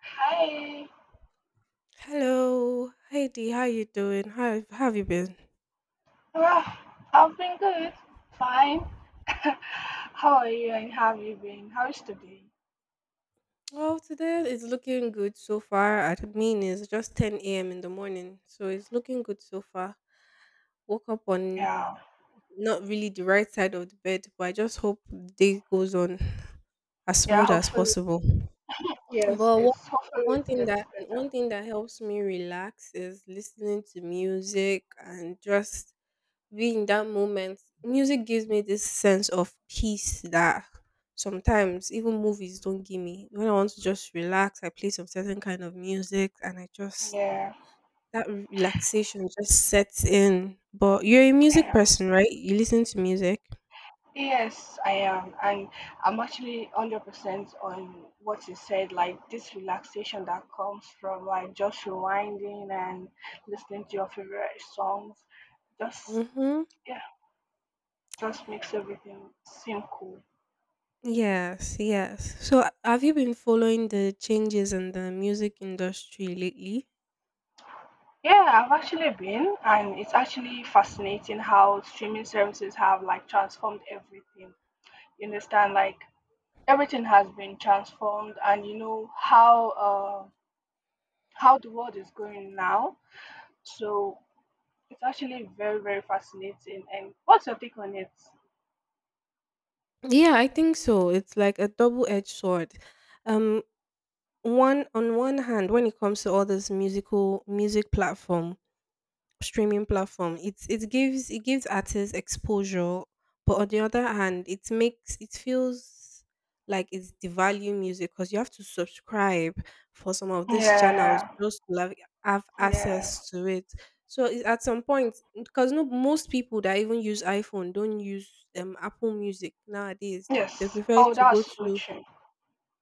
Hi. Hello, Heidi. How you doing? How have you been? Well, I've been good. Fine. How are you, and how have you been? How is today? Well, today it's looking good so far. I mean, it's just ten a.m. in the morning, so it's looking good so far. Woke up on Yeah. not really the right side of the bed, but I just hope the day goes on as Yeah, smooth as hopefully. possible. Yes, But one it's hopefully one it thing gets that better. one thing that helps me relax is listening to music and just be in that moment. Music gives me this sense of peace that sometimes even movies don't give me. When I want to just relax, I play some certain kind of music and I just Yeah. that relaxation just sets in. But you're a music Yeah. person, right? You listen to music. Yes, I am. And I'm actually 100% on what you said, like this relaxation that comes from like just rewinding and listening to your favorite songs. Just, Mm-hmm. yeah, just makes everything seem cool. Yes, yes. So have you been following the changes in the music industry lately? Yeah, I've actually been, and it's actually fascinating how streaming services have like transformed everything. You understand, like everything has been transformed, and you know how the world is going now. So it's actually very very fascinating. And what's your take on it? Yeah, I think so. It's like a double-edged sword. Um, one hand, when it comes to all this music platform, streaming platform, it gives artists exposure, but on the other hand, it feels like it's devalue music, because you have to subscribe for some of these channels Yeah, just to like have yeah, access to it. So it, at some point, because no, most people that even use iPhone don't use Apple Music nowadays. They yes. prefer Oh, to go that's so to true.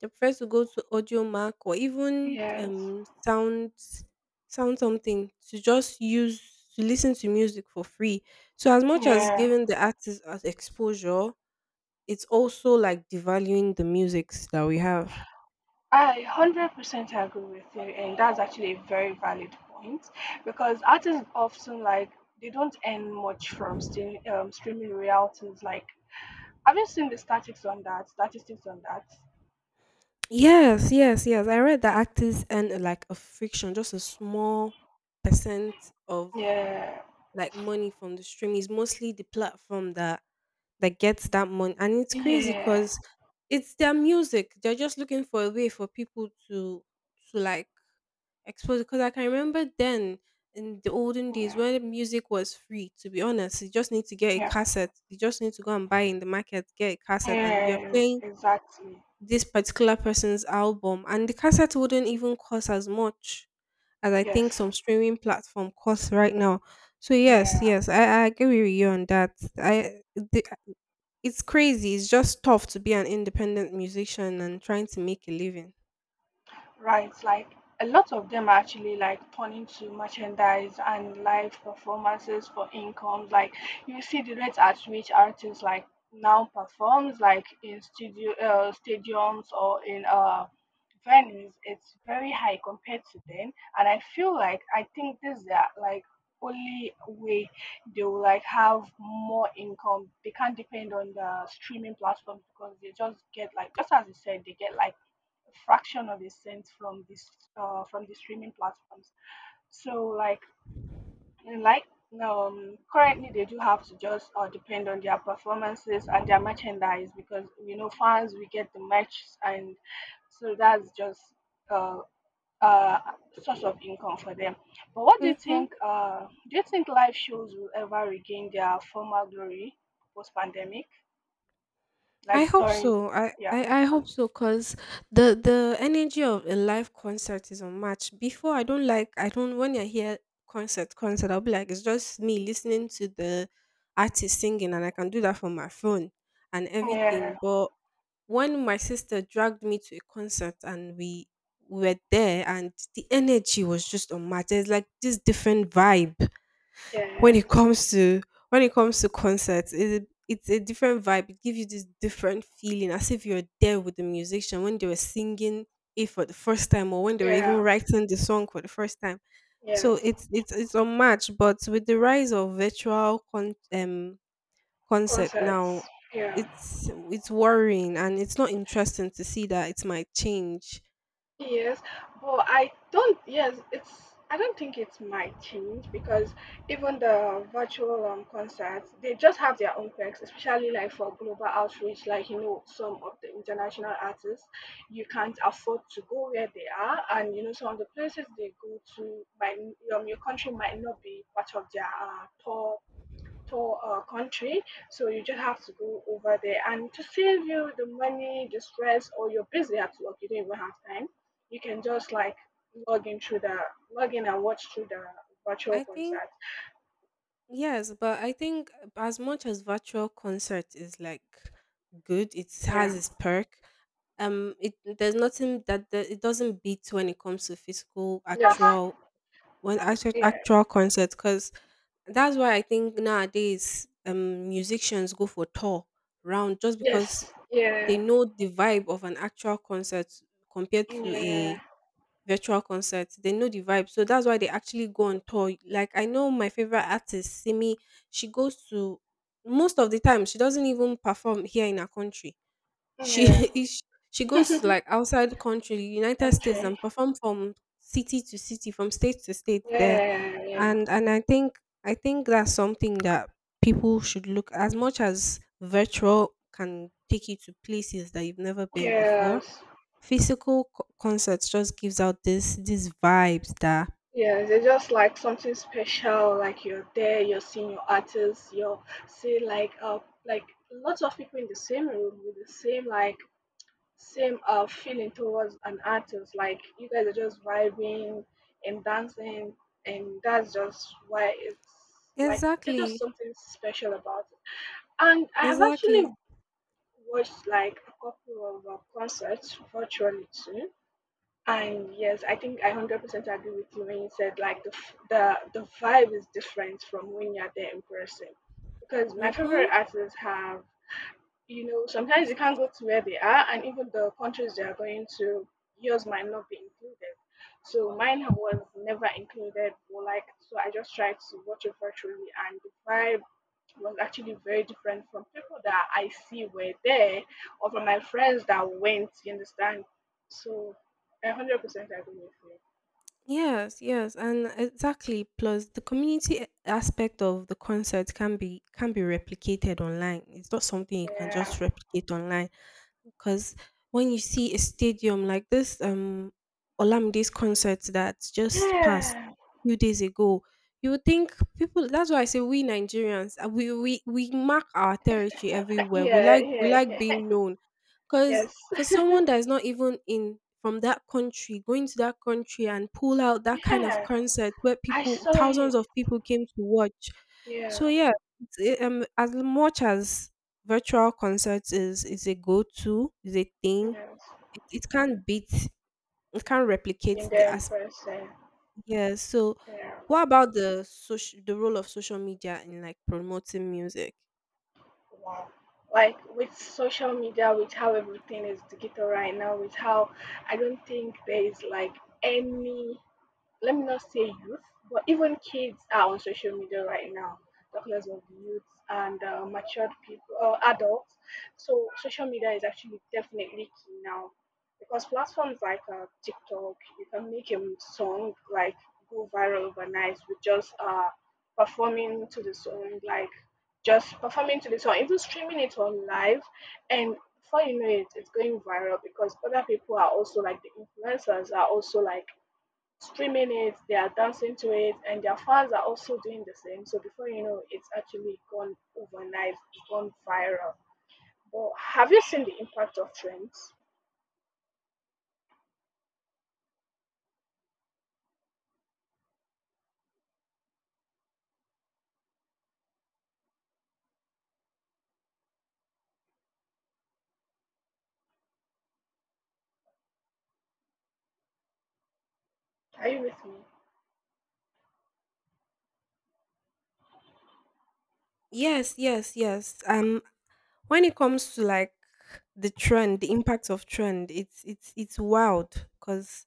they prefer to go to audio mark, or even Yes, sound something, to just use to listen to music for free. So as much as yeah. giving the artist as exposure, it's also like devaluing the musics that we have. I 100% agree with you, and that's actually a very valid point because artists often like they don't earn much from stream, streaming royalties. Like, have you seen the statistics on that? Statistics on that? Yes, yes, yes. I read that artists earn like a friction, just a small percent of Yeah, like money from the stream. It's mostly the platform that gets that money. And it's crazy yeah, because it's their music. They're just looking for a way for people to like expose. Because I can remember then in the olden days yeah, when music was free. To be honest, you just need to get a yeah, cassette. You just need to go and buy in the market, get a cassette, and you're yeah, playing exactly. this particular person's album. And the cassette wouldn't even cost as much as I think Yes, some streaming platform costs right now. So yes, yeah. yes, I agree with you on that. I the It's crazy. It's just tough to be an independent musician and trying to make a living. Right, like a lot of them are actually like turning to merchandise and live performances for incomes. Like you see the rate at which artists like now performs like in studio stadiums or in venues. It's very high compared to then, and I feel like I think this is their like only way they will like have more income. They can't depend on the streaming platforms because they just get like just as you said, they get like fraction of a cent from this from the streaming platforms. So like currently they do have to just depend on their performances and their merchandise because you know fans we get the merch and so that's just uh, uh source of income for them. But what do you Mm-hmm. think? Do you think live shows will ever regain their former glory post pandemic? Like I hope during so. I, yeah I, I post-pan- hope so, because the energy of a live concert is unmatched. Before, I don't like, I don't, when I hear concert, I'll be like, it's just me listening to the artist singing, and I can do that from my phone and yeah everything. But when my sister dragged me to a concert and we were there and the energy was just unmatched, there's like this different vibe. When yeah it comes to when it comes to concerts, it's a different vibe. It gives you this different feeling, as if you're there with the musician when they were singing it for the first time, or when they were even yeah writing the song for the first time. So yes. it's unmatched. But with the rise of virtual concert now, Concerts, yeah. it's worrying, and it's not interesting to see that it might change. Yes, but I don't, yes, it's, I don't think it might change because even the virtual concerts, they just have their own perks, especially like for global outreach, like, you know, some of the international artists, you can't afford to go where they are. And, you know, some of the places they go to, might, your country might not be part of their tour to a country. So you just have to go over there, and to save you the money, the stress, or you're busy at work, you don't even have time. You can just like log in through the log in and watch through the virtual I think concert. Yes, but I think as much as virtual concert is like good, it has Yeah. its perk. It there's nothing that it doesn't beat when it comes to physical Yes. actual when actual Yeah. actual concert, because that's why I think nowadays musicians go for tour round, just because Yes. they Yeah. know the vibe of an actual concert compared to Yeah. a virtual concerts. They know the vibe. So that's why they actually go on tour. Like I know my favorite artist, Simi, she goes to most of the time she doesn't even perform here in our country. She Yeah. is she goes to like outside country, United States, country. and perform from city to city, from state to state there. Yeah. Yeah. And I think that's something that people should look, as much as virtual can take you to places that you've never been before. Yes. Physical concerts just gives out this these vibes that Yes, it's just like something special. Like you're there, you're seeing your artists, you're see like like lots of people in the same room with the same like same feeling towards an artist. Like you guys are just vibing and dancing, and that's just why it's like it's just exactly, something special about it. And I have actually exactly. watched like a couple of concerts virtually too and yes, I think I 100% agree with you when you said like the f- the vibe is different from when you're there in person, because my favorite Hmm. artists have you know, sometimes you can't go to where they are, and even the countries they are going to, yours might not be included. So mine was never included. But like, so I just tried to watch it virtually, and the vibe was actually very different from people that I see were there, or from my friends that went. You understand? So, 100% agree with you. Yes, yes, and exactly. Plus, the community aspect of the concert can be replicated online. It's not something you can Yeah, just replicate online, because when you see a stadium like this, Olamide's concert that just passed yeah, a few days ago, you would think people. That's why I say we Nigerians, we mark our territory everywhere. We yeah, like we yeah, like yeah. being known, because yes. for someone that is not even in from that country, going to that country and pull out that kind of Yeah, concert, where I people saw it. thousands of people came to watch. So Yeah, yeah, as much as virtual concerts is a go-to, is a thing, yes. it can't beat, it can't replicate In the there in as person. yeah. So Yeah, what about the role of social media in like promoting music? wow. Like with social media, with how everything is digital right now, with how I don't think there is like any let me not say youth, but even kids are on social media right now. Talking as of youth and matured people, adults. So social media is actually definitely key now because platforms like TikTok, you can make a song like go viral overnight with just performing to the song, like just performing to the song, even streaming it on live, and before you know it, it's going viral because other people are also like the influencers are also like streaming it, they are dancing to it, and their fans are also doing the same. So before you know, it's actually gone overnight, it's gone viral. But have you seen the impact of trends? Are you with me? Yes, yes, yes. When it comes to like the trend, the impact of trend, it's wild, because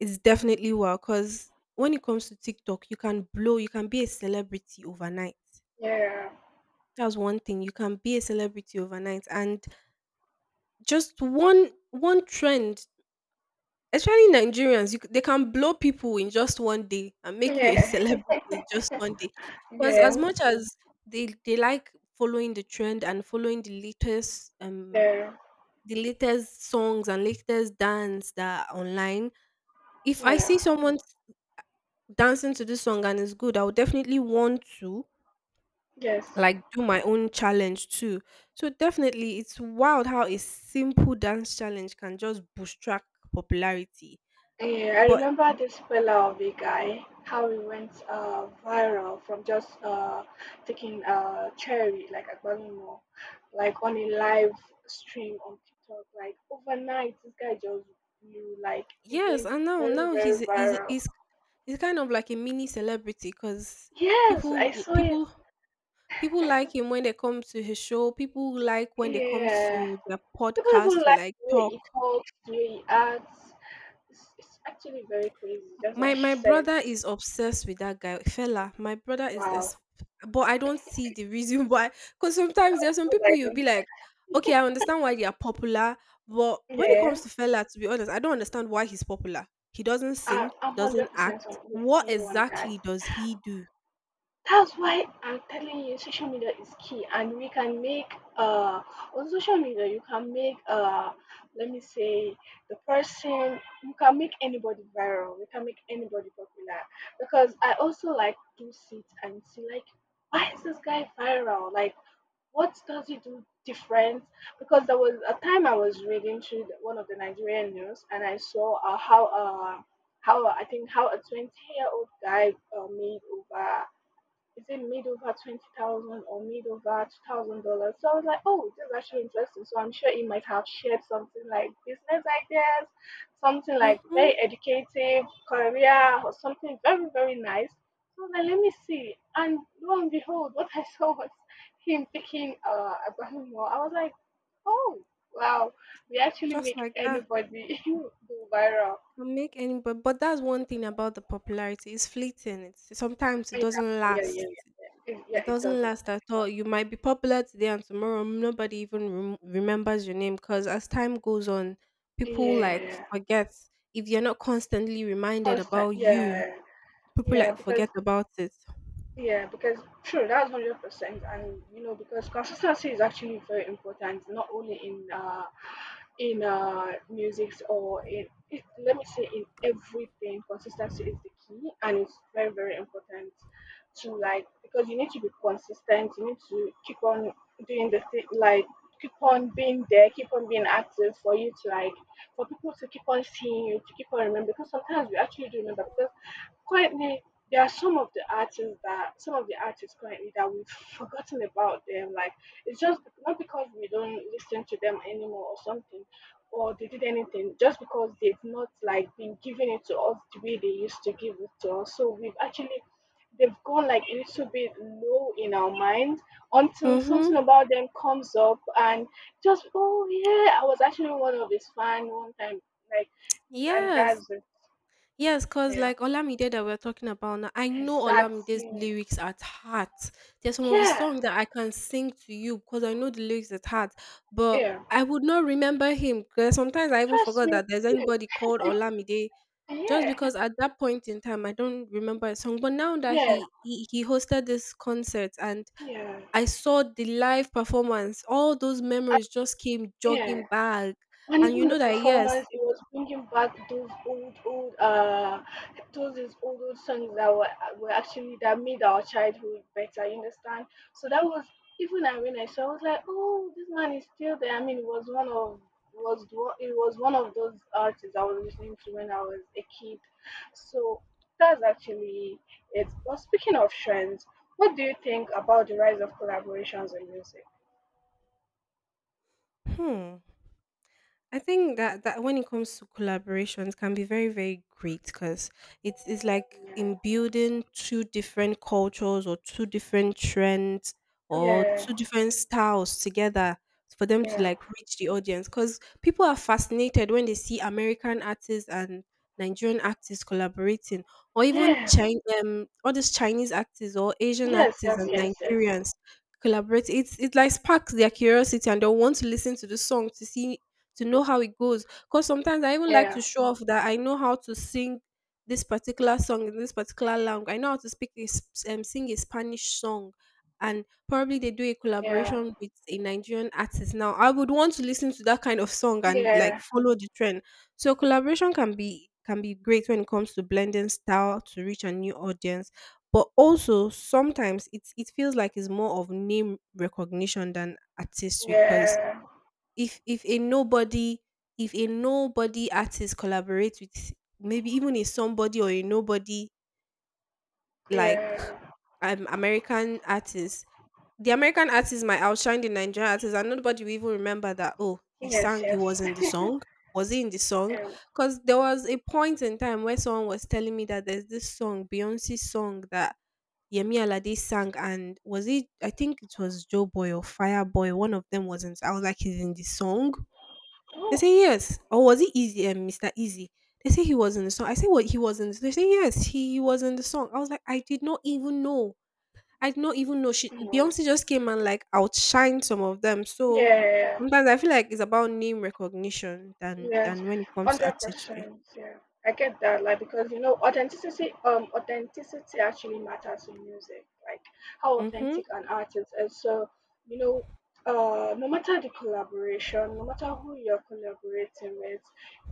it's definitely wild. Because when it comes to TikTok, you can blow, you can be a celebrity overnight. Yeah, That's one thing. You can be a celebrity overnight, and just one trend, especially Nigerians, they can blow people in just one day and make you a yeah, celebrity in just one day. Because as yes, much as they like following the trend and following the latest um yeah, the latest songs and latest dance that are online. If I see yeah, someone dancing to this song and it's good, I would definitely want to yes. like do my own challenge too. So definitely it's wild how a simple dance challenge can just bootstrap popularity. Yeah, I But remember this fellow Pallavi guy, how he went viral from just taking a cherry, like a banana, like on a live stream on TikTok. Like overnight, this guy just blew, like, it yes, went and now very, now very he's he's viral. he's, he's kind of like a mini celebrity, because Yes, people I saw it. people People like him when they come to his show. People like when they come Yeah. to their People even podcast to like like the way talk. he talks, the way he acts. It's actually very crazy, just like My you my said. brother is obsessed with that guy, fella. My brother Wow. is but I don't see the reason why. Because I sometimes there are some was people like, you'll mm, be like, okay, I understand why they are popular, but when it comes yeah. to fella, to be honest, I don't understand why he's popular. He doesn't I, sing, he I'm doesn't 100% act. with What you on that. exactly does he do? That's why I'm telling you, social media is key, and we can make on social media you can make let me say the person you can make anybody viral, you can make anybody popular. Because I also like do sit and see like why is this guy viral? Like what does it do different? Because there was a time I was reading through one of the Nigerian news, and I saw how I think how a 20 year old guy made over is it made over 20,000 or made over $2,000? So I was like, oh, this is actually interesting. So I'm sure he might have shared something like business ideas, something like Hmm. very educative, career, or something very very nice. So I was like, let me see. And lo and behold, what I saw was him picking a Baltimore. I was like, oh wow, we actually Just make like that. anybody go viral. Can Make any but that's one thing about the popularity. It's fleeting. It's Sometimes it Yeah, doesn't yeah, last. yeah, yeah. Yeah, it, It doesn't yeah, last at all. You might be popular today and tomorrow nobody even remembers your name, because as time goes on, it doesn't. people like Yeah. forget if you're not constantly reminded Constant, about you. yeah, People yeah, like because forget about it. yeah, because sure, that's 100%, and you know because consistency is actually very important, not only in music or in it, let me say in everything, consistency is the key, and it's very very important to like because you need to be consistent, you need to keep on doing the thing like keep on being there, keep on being active for you to like for people to keep on seeing you, to keep on remembering. Because sometimes we actually do remember. Currently, there are some of the artists currently that we've forgotten about them. Like it's just not because we don't listen to them anymore or something, or they did anything, just because they've not like been giving it to us the way they used to give it to us. So we've actually they've gone like a little bit low in our mind until Mhm. something about them comes up and just oh yeah, I was actually one of his fan one time like and Yes, that's it. yes, because Yeah. like Olamide that we're talking about now, I know Olamide's Exactly. lyrics at heart. There's some of his Yeah, songs that I can sing to you because I know the lyrics at heart, but yeah. I would not remember him because sometimes I even Trust forgot me. that there's anybody called Olamide, Yeah, just yeah, because at that point in time I don't remember a song. But now that yeah, he hosted this concert and yeah. I saw the live performance, all those I, memories just came yeah. jogging back. And And you even the know that yes, performance, it was bringing back those old, old, those these old, old songs that were actually that made our childhood better. You understand? So that was even I when I saw, I was like, oh, this man is still there. I mean, it was one of those artists I was listening to when I was a kid. So that's actually it. But speaking of trends, what do you think about the rise of collaborations in music? hmm. I think that when it comes to collaborations can be very very great, because it's like Yeah, in building two different cultures or two different trends or yeah, two different styles together, for them to yeah. like reach the audience, because people are fascinated when they see American artists and Nigerian artists collaborating, or even Yeah, Chin all these Chinese actors or Asian yes, actors yes, and yes, yes. Nigerians collaborate, it like sparks their curiosity, and they'll want to listen to the song to know how it goes. Because sometimes I even like Yeah, to show off that I know how to sing this particular song in this particular language. I know how to sing a Spanish song. And probably they do a yeah, collaboration with a Nigerian artist. Now, I would want to listen to that kind of song and like yeah, follow the trend. So collaboration can be great when it comes to blending style to reach a new audience. But also sometimes it feels like it's more of name recognition than artistry because yeah, if a nobody if a nobody artist collaborates with maybe even a somebody or a nobody like yeah. American artist, the American artist might outshine the Nigerian artist, and nobody will even remember that, oh, he Yes, sang, he yes. was in the song, was he in the song? Um, Because there was a point in time where someone was telling me that there's this song, Beyonce's song, that Yemi Alade sang, and was it, I think it was Joe Boy or Fire Boy, one of them, wasn't I was like, he's in the song? They oh, say yes. Or was it Easy and Mr. Easy? They say he was in the song. I say what he was in. They say yes, he was in the song. I was like, I did not even know. I did not even know. She no. Beyonce just came and like outshined some of them. So Yeah, yeah, yeah. sometimes I feel like it's about name recognition than Yes, than when it comes to hundred artistry. percent. Yeah, I get that. Like because you know, authenticity, authenticity actually matters in music. Like how Mm-hmm. authentic an artist is. You know, no matter the collaboration, no matter who you're collaborating with,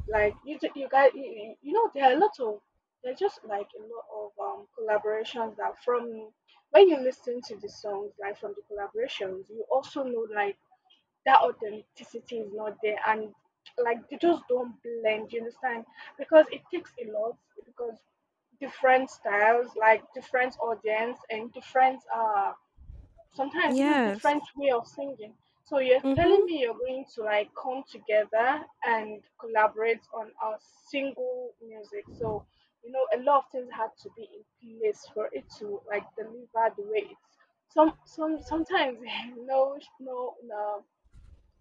like you, ju- you guys, you know, there are a lot of there's just like a lot of collaborations that from when you listen to the songs, like from the collaborations, you also know like that authenticity is not there, and like they just don't blend, you understand, because it takes a lot. Because different styles, like different audience, and different sometimes even Yes. different way of singing. So you're telling Mm-hmm. me you're going to like come together and collaborate on a single music. So you know a lot of things had to be in place for it to like deliver the way it's sometimes no, no.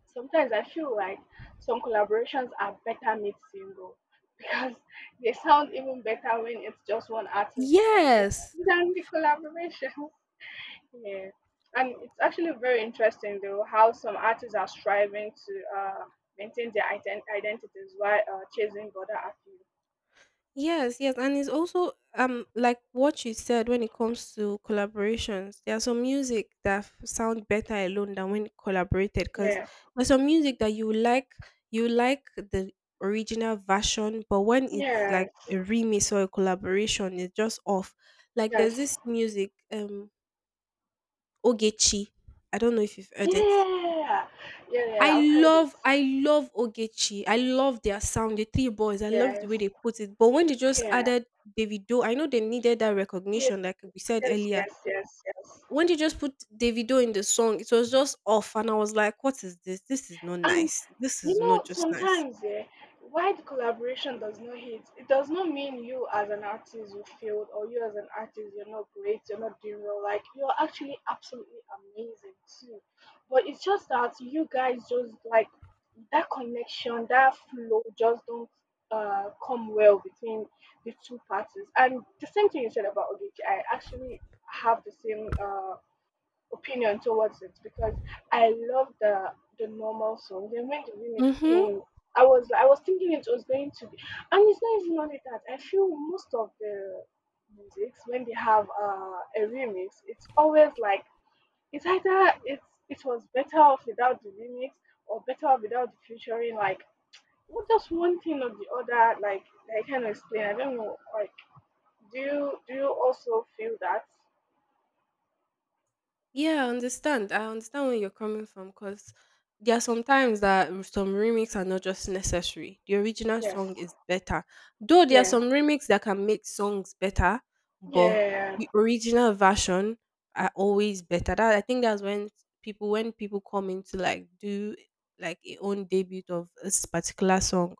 Sometimes I feel like some collaborations are better mid single because they sound even better when it's just one artist on it Yes. than the collaborations. Yeah. And it's actually very interesting though how some artists are striving to maintain their identities while chasing other appeal. Yes, yes, and it's also like what you said when it comes to collaborations. There are some music that f- sound better alone than when collaborated, because Yeah. there's some music that you like, you like the original version, but when it's like Yes. a remix or a collaboration, it's just off. Like, Yes. there's this music Ogechi. I don't know if you've heard it. Yeah. Yeah, I yeah, I've heard it. love, I love Ogechi. I love their sound, the three boys. I love the Yes. way they put it. But when they just Yeah. added Davido, I know they needed that Yes. recognition, like we said Yes, earlier. yes, yes, yes. When they just put Davido in the song, it was just off, and I was like, "What is this? This is not And nice. This you is not know, just nice." sometimes, yeah, wide collaboration does not hit. It does not mean you as an artist you failed, or you as an artist you're not great, you're not doing well. Like you're actually absolutely amazing too. But it's just that you guys just like that connection, that flow just don't come well between the two parties. And the same thing you said about Ogechi, I actually have the same opinion towards it, because I love the normal song. Then when the remix Hmm. came, I was thinking it was going to be, and it's not even only that. I feel most of the musics when they have a remix, it's always like it's either it was better off without the remix or better off without the featuring. Like what, just one thing or the other. Like I can explain. I don't know. Like do you also feel that? Yeah, I understand. I understand where you're coming from because there are some times that r- some remix are not just necessary. The original Yes. song is better. Though there are Yeah. some remix that can make songs better, but Yeah. the original version are always better. That I think that's when people come in to like do like a own debut of this particular song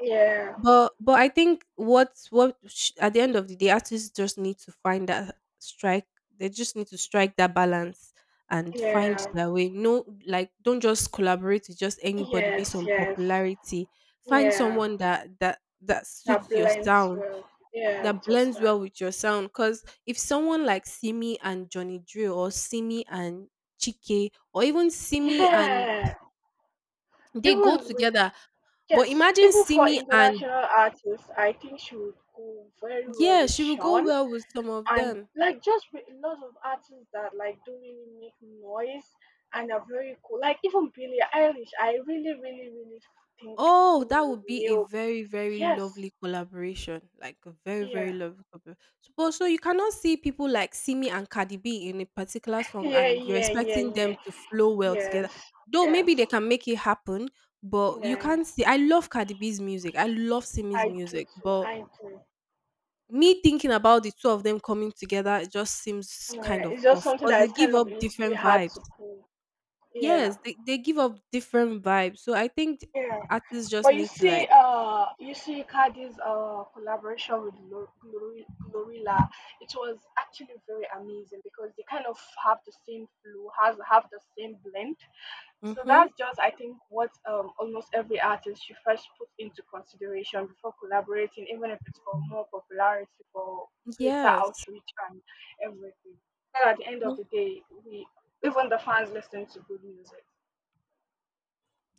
Yeah. But I think what's what sh- at the end of the day, artists just need to find that strike. They just need to strike that balance and find Yeah. their way. No, like don't just collaborate with just anybody based Yes, on yes. popularity. Find Yeah. someone that That suits your blends sound, well. Yeah, that with your blends well style. with your sound. Cause if someone like Simi and Johnny Drill or Simi and Chike or even Simi and Yeah. they go Even with, together, but yes, imagine even for Simi and international artists, I think she would go very well yeah, with she will go Sean. well with some of And them. like just with a lot of artists that like don't really make noise and are very cool. Like even Billie Eilish, I really, really, really think Oh, Simi that would would be a nail. very, very Yes. lovely collaboration. Like a very, very Yeah. lovely collaboration. So, but so you cannot see people like Simi and Cardi B in a particular song Yeah, and you're yeah, yeah, expecting them yeah. to flow well together. Yes. Though maybe Yes. they can make it happen, but you Yeah. can't see. I love Cardi B's music. I love Simi's I do music, too. but I do. me thinking about the two of them coming together, it just seems kind Yeah, of it's just off something because that they is give kind of up a little bit different hard vibes. to pull. Yeah, Yes, they give up different vibes. So I think yeah. artists just But you need to see, like you see, you had this collaboration with Glorilla. It was actually very amazing because they kind of have the same flow, has have the same blend. So mm-hmm. that's just, I think, what almost every artist should first put into consideration before collaborating, even if it's for more popularity, for greater Yes. outreach and everything. But at the end of Mhm. the day, we even the fans listen to good music.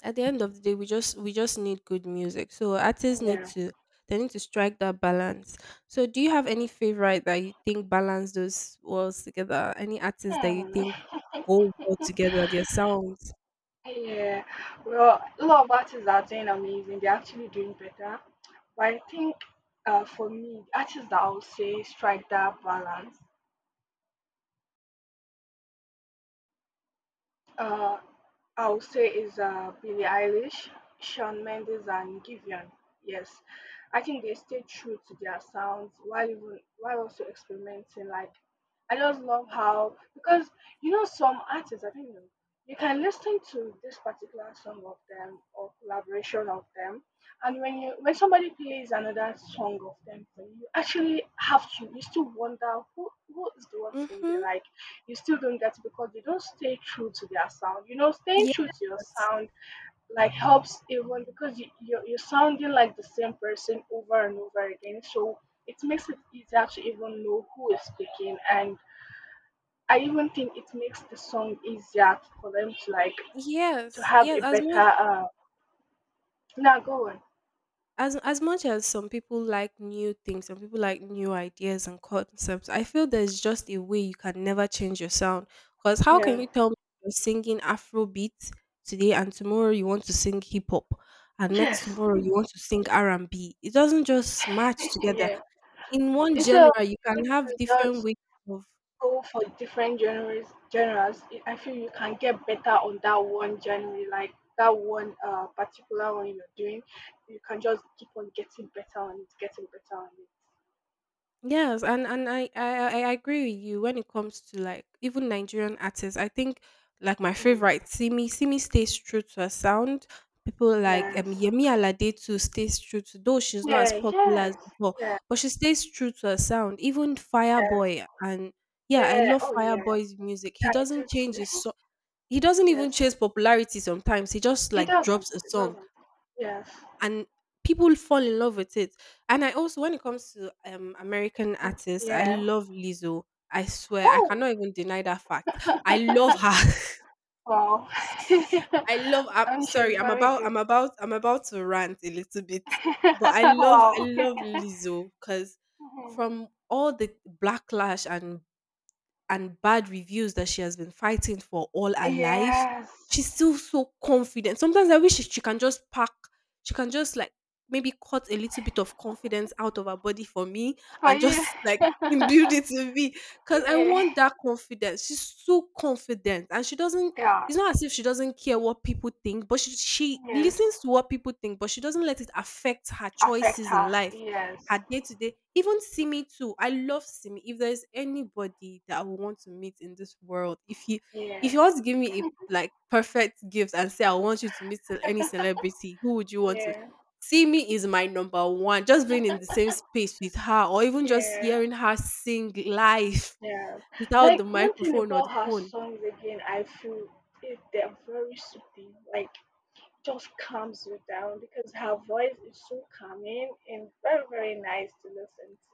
At the end of the day, we just need good music. So artists need Yeah. to they need to strike that balance. So do you have any favorite that you think balance those worlds together? Any artists that you Hmm. think go well together, their sounds? Yeah. Well, a lot of artists are doing amazing. They're actually doing better. But I think, for me, artists that I would say strike that balance, Uh, I would say, is Billie Eilish, Shawn Mendes, and Givian. Yes, I think they stay true to their sounds while even while also experimenting. Like, I just love how, because you know some artists, I don't know, you can listen to this particular song of them or collaboration of them, and when somebody plays another song of them for you, you actually have to you still wonder who is the one singing. Mm-hmm. Like, you still don't get it because you don't stay true to their sound. You know, staying true to your Yes. sound like helps even because you're sounding like the same person over and over again. So it makes it easier to even know who is speaking. And I even think it makes the song easier for them to like to Yes. have a Yes. As better. much Now go on. as as much as some people like new things, some people like new ideas and concepts, I feel there's just a way you can never change your sound. Because how can Yeah. you tell me you're singing Afrobeat today and tomorrow you want to sing hip hop and next Yes. tomorrow you want to sing R and B? It doesn't just match together. Yeah. In Yeah. one It's a genre, you can have you just different ways of go for different genres, it, I feel you can get better on that one genre, like that one particular one you're doing. You can just keep on getting better on it, getting better on it. yes, and I agree with you when it comes to like even Nigerian artists. I think like my Mm, favorite Simi, Simi stays true to her sound. People like yes, Yemi Alade too stays true to, though she's not as yeah, popular yes, as before, yeah, but she stays true to her sound. Even yes, Fireboy and yeah, I yeah, love oh yeah, Fireboy's music. He I do doesn't change his too. so he doesn't even Yes. chase popularity sometimes. He just like drops a It song doesn't, yes, and people fall in love with it. And I also, when it comes to American artists, I yeah, love Lizzo. I swear, I oh. cannot even deny that fact. I love her. Wow. I love. I'm I mean, sorry. she's I'm very about. good. I'm about. I'm about to rant a little bit, but I love. I Wow. love Lizzo because from all the backlash and bad reviews that she has been fighting for all her life, Yes. she's still so confident. Sometimes I wish she can just pack, she can just like maybe cut a little bit of confidence out of her body for me For and you. just like imbued it in me. Cause I Yeah. want that confidence. She's so confident and she doesn't Yeah. it's not as if she doesn't care what people think, but she Yes. listens to what people think, but she doesn't let it affect her Affect choices in her. life Yes. her day to day, even Simi too. I love Simi. If there's anybody that I would want to meet in this world, if Yeah. you want to give me a like perfect gift and say I want you to meet ce- any celebrity, who would you want to? Yeah. Simi is my number one. Just being in the same space with her, or even just Yeah. hearing her sing live Yeah. without the Like one thing microphone or the about her phone songs again, I feel it, they're very soothing. Like, just calms you down because her voice is so calming and very very nice to listen to.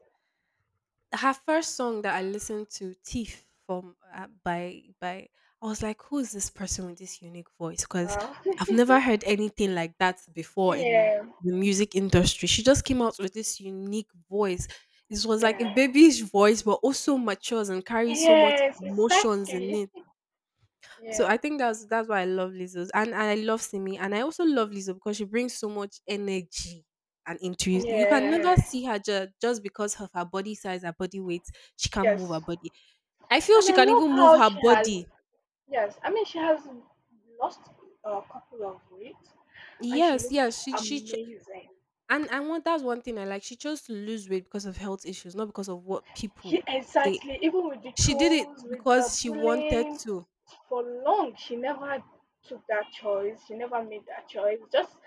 her first song that I listened to, Thief, from by, I was like, who is this person with this unique voice? Because Wow. I've never heard anything like that before in Yeah. the music industry. She just came out with this unique voice. This was like a Yeah. babyish voice, but also matures and carries so much Yes. emotions in Exactly. it. So Yeah. I think that's why I love Lizzo, and I love Simi, and I also love Lizzo because she brings so much energy and intuition. You can never Yeah. see her ju- just because of her body size, her body weight. She can not move her Yes. body. I feel And she I can love even move how her she has, body. yes, I mean, she has lost a couple of weight and she Yes, looks yes. She ch- amazing. And one that's one thing I like. She chose to lose weight because of health issues, not because of what people say. Exactly. Even with the She did it trolls, with the because she wanted bullying, to. for long, she never took that choice. She never made that choice.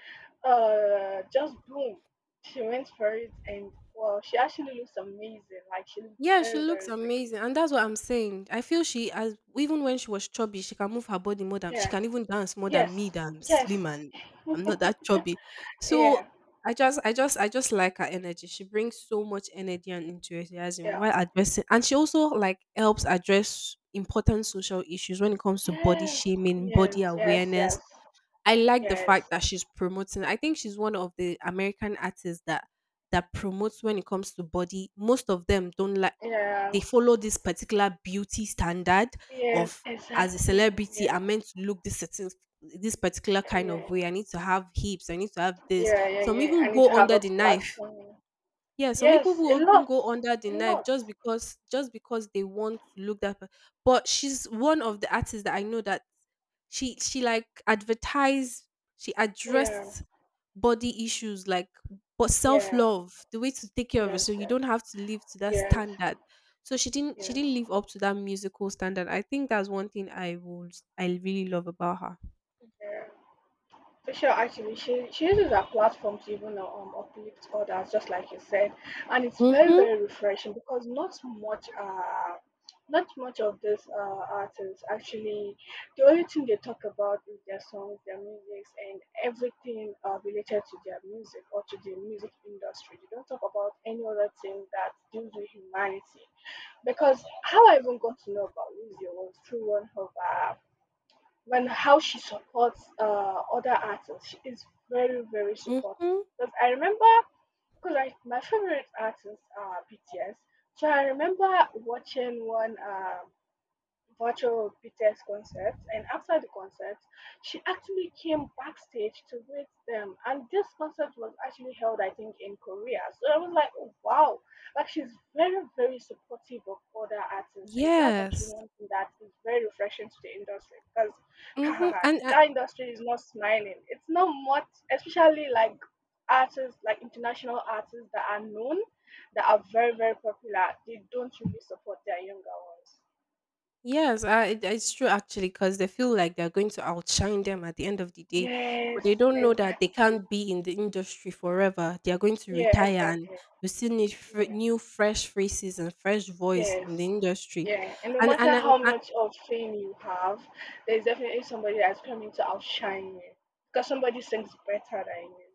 Just boom, she went for it, and well, she actually looks amazing. Like she looks Yeah, she very, looks very great. amazing, and that's what I'm saying. I feel she as even when she was chubby, she can move her body more than she Yeah. can even dance more Yes. than me. That I'm Yes. slim and I'm not that chubby. So Yeah. I just like her energy. She brings so much energy and enthusiasm Yeah. while addressing, and she also like helps address important social issues when it comes to body Yes. shaming, body Yes. Yes. awareness. Yes. I like the fact Yes, that she's promoting. I think she's one of the American artists that that promotes when it comes to body. Most of them don't like they yes, follow this particular beauty standard yes, of as a exactly. celebrity, Yes, I'm meant to look this certain this particular kind of yeah, way. I need to have hips. I need to have this. yeah, yeah, Some yeah. I even need go to have under a the flat knife. tummy. Yeah, some people Yes, a will even lot, go under the a knife lot. just because they want to look that. Pa- but she's one of the artists that I know that she like advertised, she Yeah, addressed body issues like but yeah, self-love, the way to take care of yes, yourself. You yes, don't have to live to that yes, standard. So she didn't she yes, didn't live up to that musical standard. I think that's one thing I would I really love about her. yeah. Sure, actually, she uses her platform to even uplift others, just like you said, and it's very Mm-hmm. very refreshing because not much not much of these artists actually the only thing they talk about is their songs, their music, and everything related to their music or to the music industry. They don't talk about any other thing that deals with humanity, because how I even got to know about Lizzie was through one of her and how she supports other artists. She is very, very supportive. Mm-hmm. Because I remember, because my favorite artists are BTS. So I remember watching one virtual BTS concert, and after the concert, she actually came backstage to meet them. And this concert was actually held, I think, in Korea. So I was like, oh, wow, like she's very, very supportive of other artists, and that's actually Yes. one thing that is very refreshing to the industry, because Mm-hmm. And that industry is not smiling. It's not much, especially like artists, like international artists that are known, that are very, very popular. They don't really support their younger ones. yes, I, it- it's true actually because they feel like they're going to outshine them at the end of the day, but Yes, they don't know that they exactly. can't be in the industry forever. They are going to Yeah, retire and exactly. we still need fr- Yeah. new, fresh faces and fresh voice in the Yes. industry. Yeah. And no matter And, how I- much of fame you have, there's definitely somebody that's coming to outshine you. Because somebody sings better than you.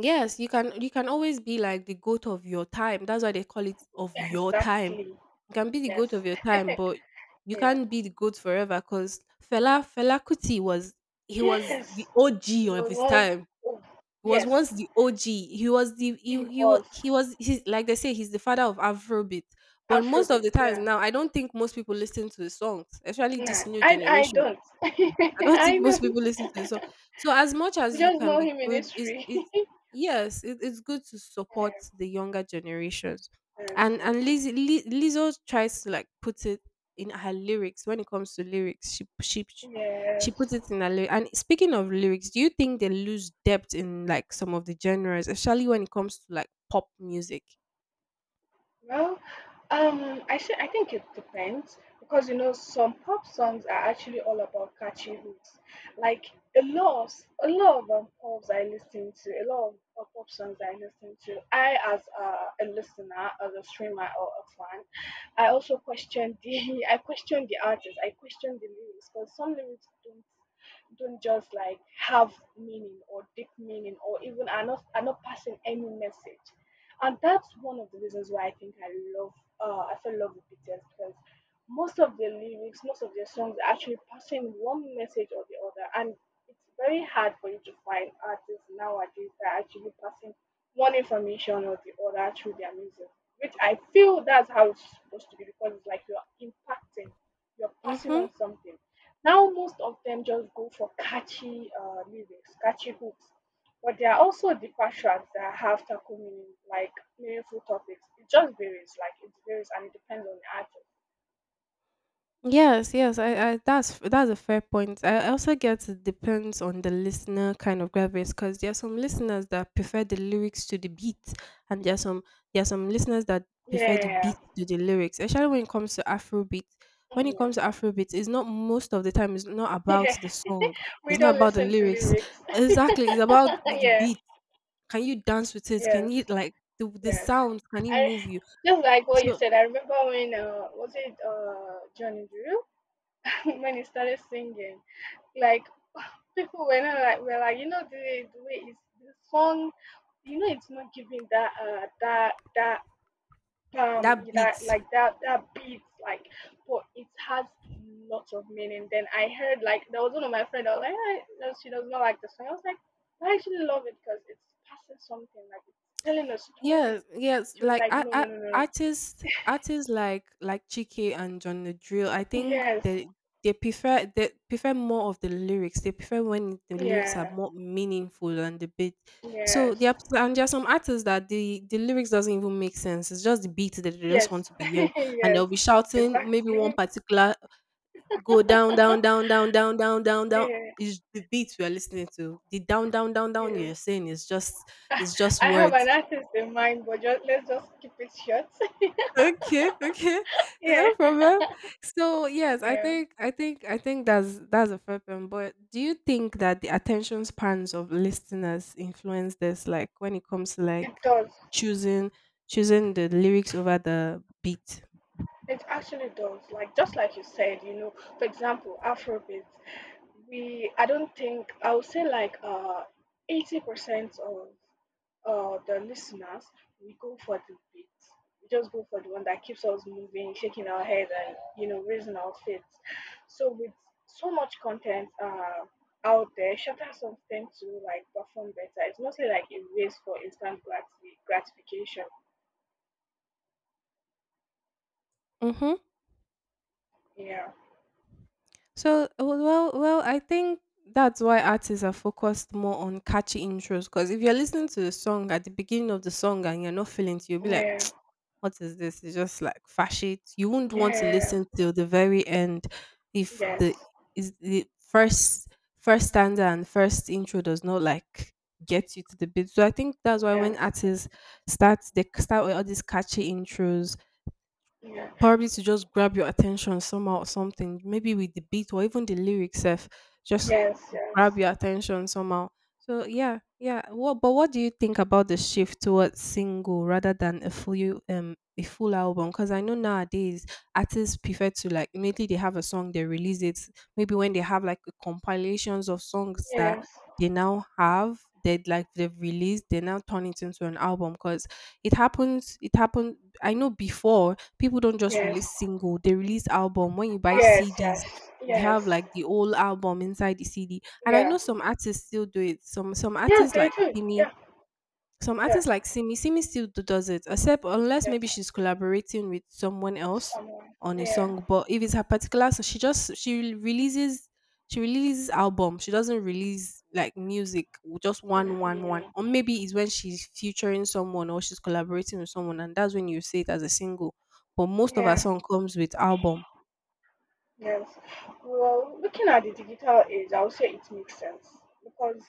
yes, you can always be like the goat of your time. That's why they call it of your time. Exactly. You can be the goat Yes. of your time, but you Yeah. can't be the goat forever because Fela Kuti was he was the Yes. OG It of was his once, time. oh He was once yes. the OG. He was the he It he was was he was he's, like they say he's the father of Afrobeat. But most of the Afrobeat, times yeah. now, I don't think most people listen to his songs, especially this Nah. new I generation. don't. I don't think I most don't. people listen to the song. So as much We as you just can know be him in good, is history. it's yes, it, it's good to Yeah, support the younger generations, yes, and yes. Lizzie, Li- Lizzo tries to like put it in her lyrics when it comes to lyrics. She puts Yes. it in her lyrics. And speaking of lyrics, do you think they lose depth in like some of the genres, especially when it comes to like pop music? Well, I say I think it depends because you know some pop songs are actually all about catchy hooks. Like, a lot of a lot of pops I listen to, a lot of pop songs I listen to. I, as a listener, as a streamer or a fan, I also question the I question the artist, I question the lyrics because some lyrics don't just like have meaning or deep meaning, or even are not passing any message, and that's one of the reasons why I think I love, I fell in love with BTS, because most of their lyrics, most of their songs are actually passing one message or the other, and it's very hard for you to find artists nowadays that are actually passing one information or the other through their music. Which I feel that's how it's supposed to be because it's like you're impacting, you're passing Mm-hmm. on something. Now most of them just go for catchy lyrics, catchy hooks, but there are also deeper tracks that have tackle meaning, like meaningful topics. It just varies, like it varies and it depends on the artist. Yes, yes, I that's a fair point. I also get it depends on the listener kind of gravies because there are some listeners that prefer the lyrics to the beat, and there are some listeners that prefer the Yeah. beat to the lyrics. Especially when it comes to Afrobeat. When it Mm. comes to Afrobeat, it's not most of the time. It's not about Yeah. the song. We It's not don't about the listen to lyrics. lyrics. Exactly, it's about the Yeah. beat. Can you dance with it? Can Yes. you like the Yes. sound? Can it move I you? just like what you So said. I remember when, was it Johnny Drew, when he started singing, like people were not like were like you know the way is the song, you know it's not giving that that beat. That beats like, but it has lots of meaning. Then I heard, like, there was one of my friend, I was like, "Ah, no, she does not like the song." I was like, "I actually love it because it's passing something, like it's telling a story." Yes, yes. She was Like like, "No, I no, no, no, no." artists like Chike and John the Drill, I think Yes, they prefer more of the lyrics. They prefer when the lyrics are yeah, more meaningful than the beat. So yes, there are, and there are some artists that the lyrics doesn't even make sense. It's just the beat that they just yes. want to be hearing, and Yes, they'll be shouting maybe one exactly. particular go down down down down down down down down. Yeah, Is the beat we are listening to the down down down down yeah. you're saying is just I have words. an artist in mind, but just let's just keep it short. Okay, okay. No Yeah, problem. So yes, i yeah, think i think i think that's a fair point. But do you think that the attention spans of listeners influence this, like when it comes to it like does. choosing choosing the lyrics over the beat? It actually does. Like just like you said, you know, for example, Afrobeats. We I don't think I would say like 80% of the listeners we go for the beat. We just go for the one that keeps us moving, shaking our head and you know, raising our feet. So with so much content out there, shorter songs tend to like perform better. It's mostly like a race for instant gratification. Mm-hmm. Yeah. So I think that's why artists are focused more on catchy intros. Because if you're listening to the song at the beginning of the song and you're not feeling it, you'll be like, Yeah. "What is this?" It's just like fash it. You won't want to Yeah. listen till the very end if the Yes. is the first stanza and first intro does not like get you to the beat. So I think that's why when Yes, artists start they start with all these catchy intros, yeah, probably to just grab your attention somehow or something, maybe with the beat or even the lyrics sef. Just yes, yes, grab your attention somehow. So yeah, yeah. What but what do you think about the shift towards single rather than a full album? Because I know nowadays artists prefer to, like, immediately they have a song they release it. Maybe when they have like compilations of songs that yes, they now have they like they've released they now turn it into an album because it happened I know before people don't just yes, release single, they release album. When you buy yes, cds, yes, you have yes, like the whole album inside the cd. And I yeah, know some artists still do it. Some yes, artists they like do, Simi, yeah, some yeah, artists like Simi, Simi still do, does it, except unless yes, maybe she's collaborating with someone else someone, on a yeah, song. But if it's her particular, so she releases, she releases album. She doesn't release like music, just mm, one. yeah, Or maybe it's when she's featuring someone or she's collaborating with someone, and that's when you see it as a single. But most of her yeah, song comes with album. yes. Well, looking at the digital age, I would say it makes sense because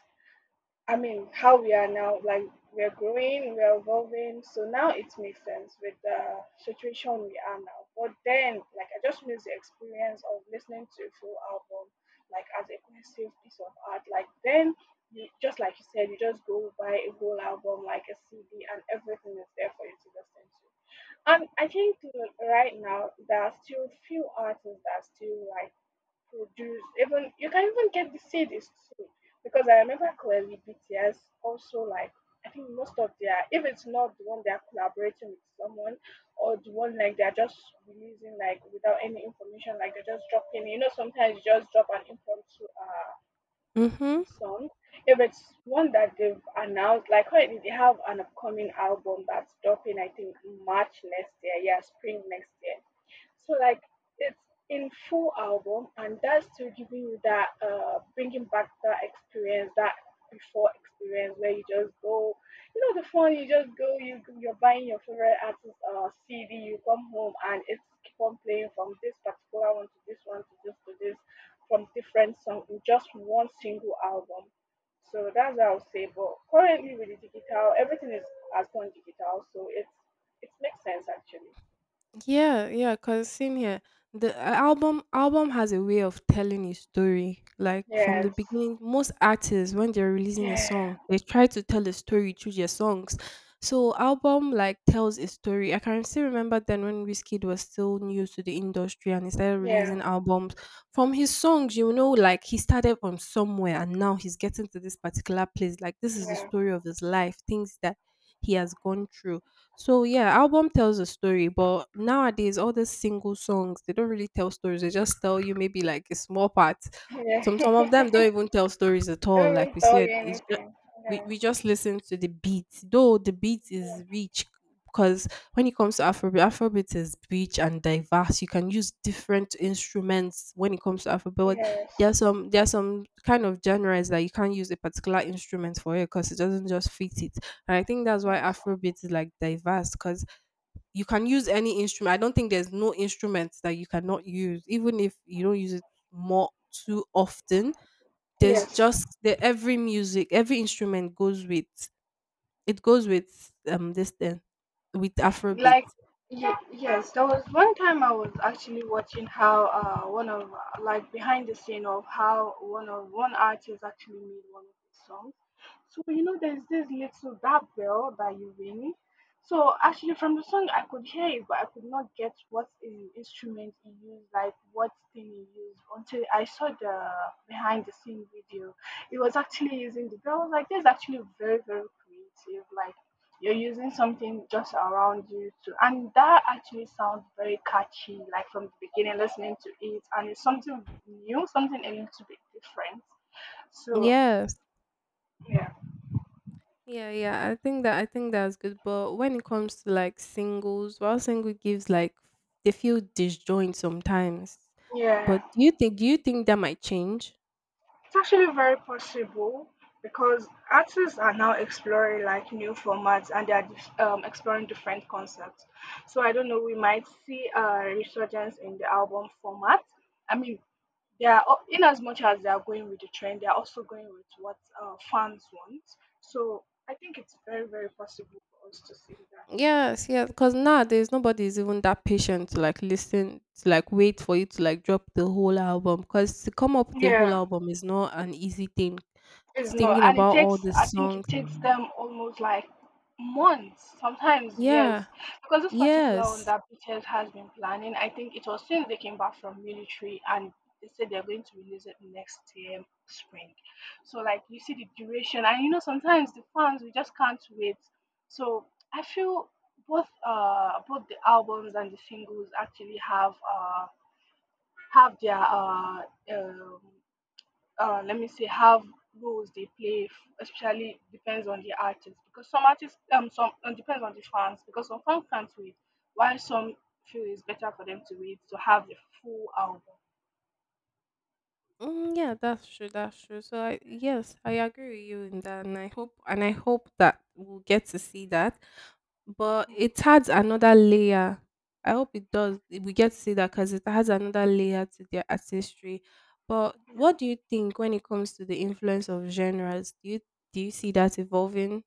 I mean, how we are now, like we are growing, we are evolving. So now it makes sense with the situation we are now. But then, like, I just miss the experience of listening to a full album, like as a cohesive piece of art. Like then, you just like you said, you just go buy a whole album, like a CD, and everything is there for you to listen to. And I think right now there are still few artists that are still like produce even you can even get the seed is sold because I remember clearly BTS also like I think most of their if it's not the one they are collaborating with someone or the one like they're just releasing like without any information like they're just dropping, you know, sometimes you just drop an impromptu Mm-hmm. song if it's one that they've announced, like currently they have an upcoming album that's dropping I think March next year, yeah, spring next year. So like it's in full album, and that's still giving you that bringing back that experience, that before experience where you just go, you know, the phone you just go, you're buying your favorite artist CD, you come home and it's keep on playing from this particular one to this to this, from different song in just one single album. So that's what I would say. But currently with the digital, everything is has gone digital, so it makes sense actually. Yeah, yeah, cause same here. The album has a way of telling a story. Like from the Yes. beginning, most artists when they're releasing a song, Yeah, they try to tell a story through their songs. So album like tells a story. I can still remember then when Wizkid was still new to the industry and he started yeah, releasing albums. From his songs, you know, like he started from somewhere and now he's getting to this particular place. Like this is the yeah, story of his life, things that he has gone through. So yeah, album tells a story, but nowadays all these single songs they don't really tell stories. They just tell you maybe like a small part. yeah. Some of them don't even tell stories at all. Like Okay, we said, it's just yeah, we just listen to the beat. Though the beat is rich because when it comes to Afrobeat, Afrobeat is rich and diverse. You can use different instruments when it comes to Afrobeat. yeah, yes, There are some kind of genres that you can't use a particular instrument for it because it doesn't just fit it. And I think that's why yes, Afrobeat is like diverse because you can use any instrument. I don't think there's no instrument that you cannot use, even if you don't use it more too often. There's yes. just the every music, every instrument goes with this thing with Afrobeat. Like, yes, there was one time I was actually watching how one of like behind the scene of how one artist actually made one of his songs. So you know there's this little that bell that you ring, so actually from the song I could hear it but I could not get what instrument he used, like what thing he used, until I saw the behind the scene video. It was actually using the bell. I was like, this is actually very very creative. Like you're using something just around you to, and that actually sounds very catchy, like from the beginning listening to it, and it's something new, something a little bit different. So Yes. yeah, Yeah, yeah. I think that's good. But when it comes to like singles, while single gives like they feel disjoint sometimes. yeah, But do you think that might change? it's actually very possible because artists are now exploring like new formats and they are exploring different concepts. So I don't know, we might see a resurgence in the album format. I mean, they are in as much as they are going with the trend, they are also going with what fans want. So I think it's very, very possible for us to see that. Yes, yes, because nowadays nobody is even that patient to like listen to, like wait for you to like drop the whole album. Because to come up with a whole Yeah. album is not an easy thing. It's It's not, thinking and it about all takes. the I think it songs. takes them almost like months, sometimes years, Yeah, because this particular one yes, that BTS has been planning, I think it was since they came back from military, and they said they're going to release it next year spring. So like you see the duration, and you know sometimes the fans we just can't wait. So I feel both both the albums and the singles actually have their um, let me say have roles they play especially depends on the artist because some artists some depends on the fans because some fans can't wait while some feel it's better for them to wait to have the full album, mm, yeah, that's true, that's true. So I, yes, I agree with you in that, and I hope that we'll get to see that. But it adds another layer. I hope it does. We get to see that because it has another layer to their artistry. But yeah. what do you think when it comes to the influence of genres? Do you see that evolving?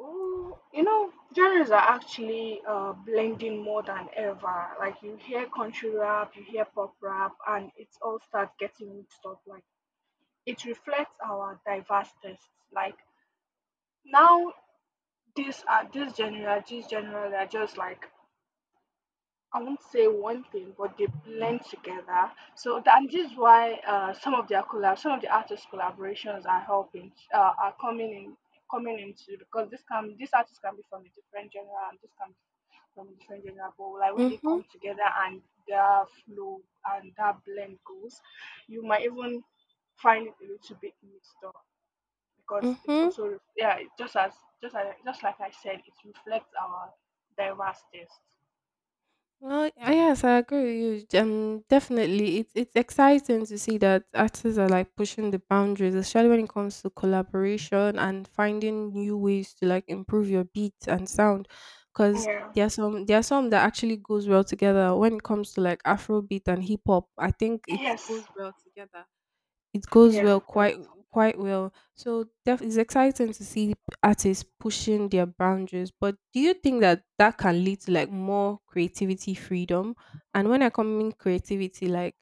Ooh, you know genres are actually blending more than ever. Like you hear country rap, you hear pop rap, and it all starts getting mixed up. Like it reflects our diverse tastes. Like now these genre they're just like, I won't say one thing, but they blend together. So that, and this is why some of the artists' collaborations are helping, are coming in, coming into because this artist can be from a different genre and this can be from a different genre, but like when they Mm-hmm. come together and their flow and that blend goes, you might even find it a little bit mixed up because it's Mm-hmm. also yeah, it just as just like I said, it reflects our diverse taste. Well, yes, I agree with you. Definitely, it's exciting to see that artists are like pushing the boundaries, especially when it comes to collaboration and finding new ways to like improve your beats and sound. Because Yeah. there are some that actually goes well together. When it comes to like Afrobeat and hip hop, I think it Yes, goes well together, it goes yes, well it does. quite quite well. So def- it's exciting to see artists pushing their boundaries. But do you think that that can lead to like more creativity freedom? And when I come in creativity, like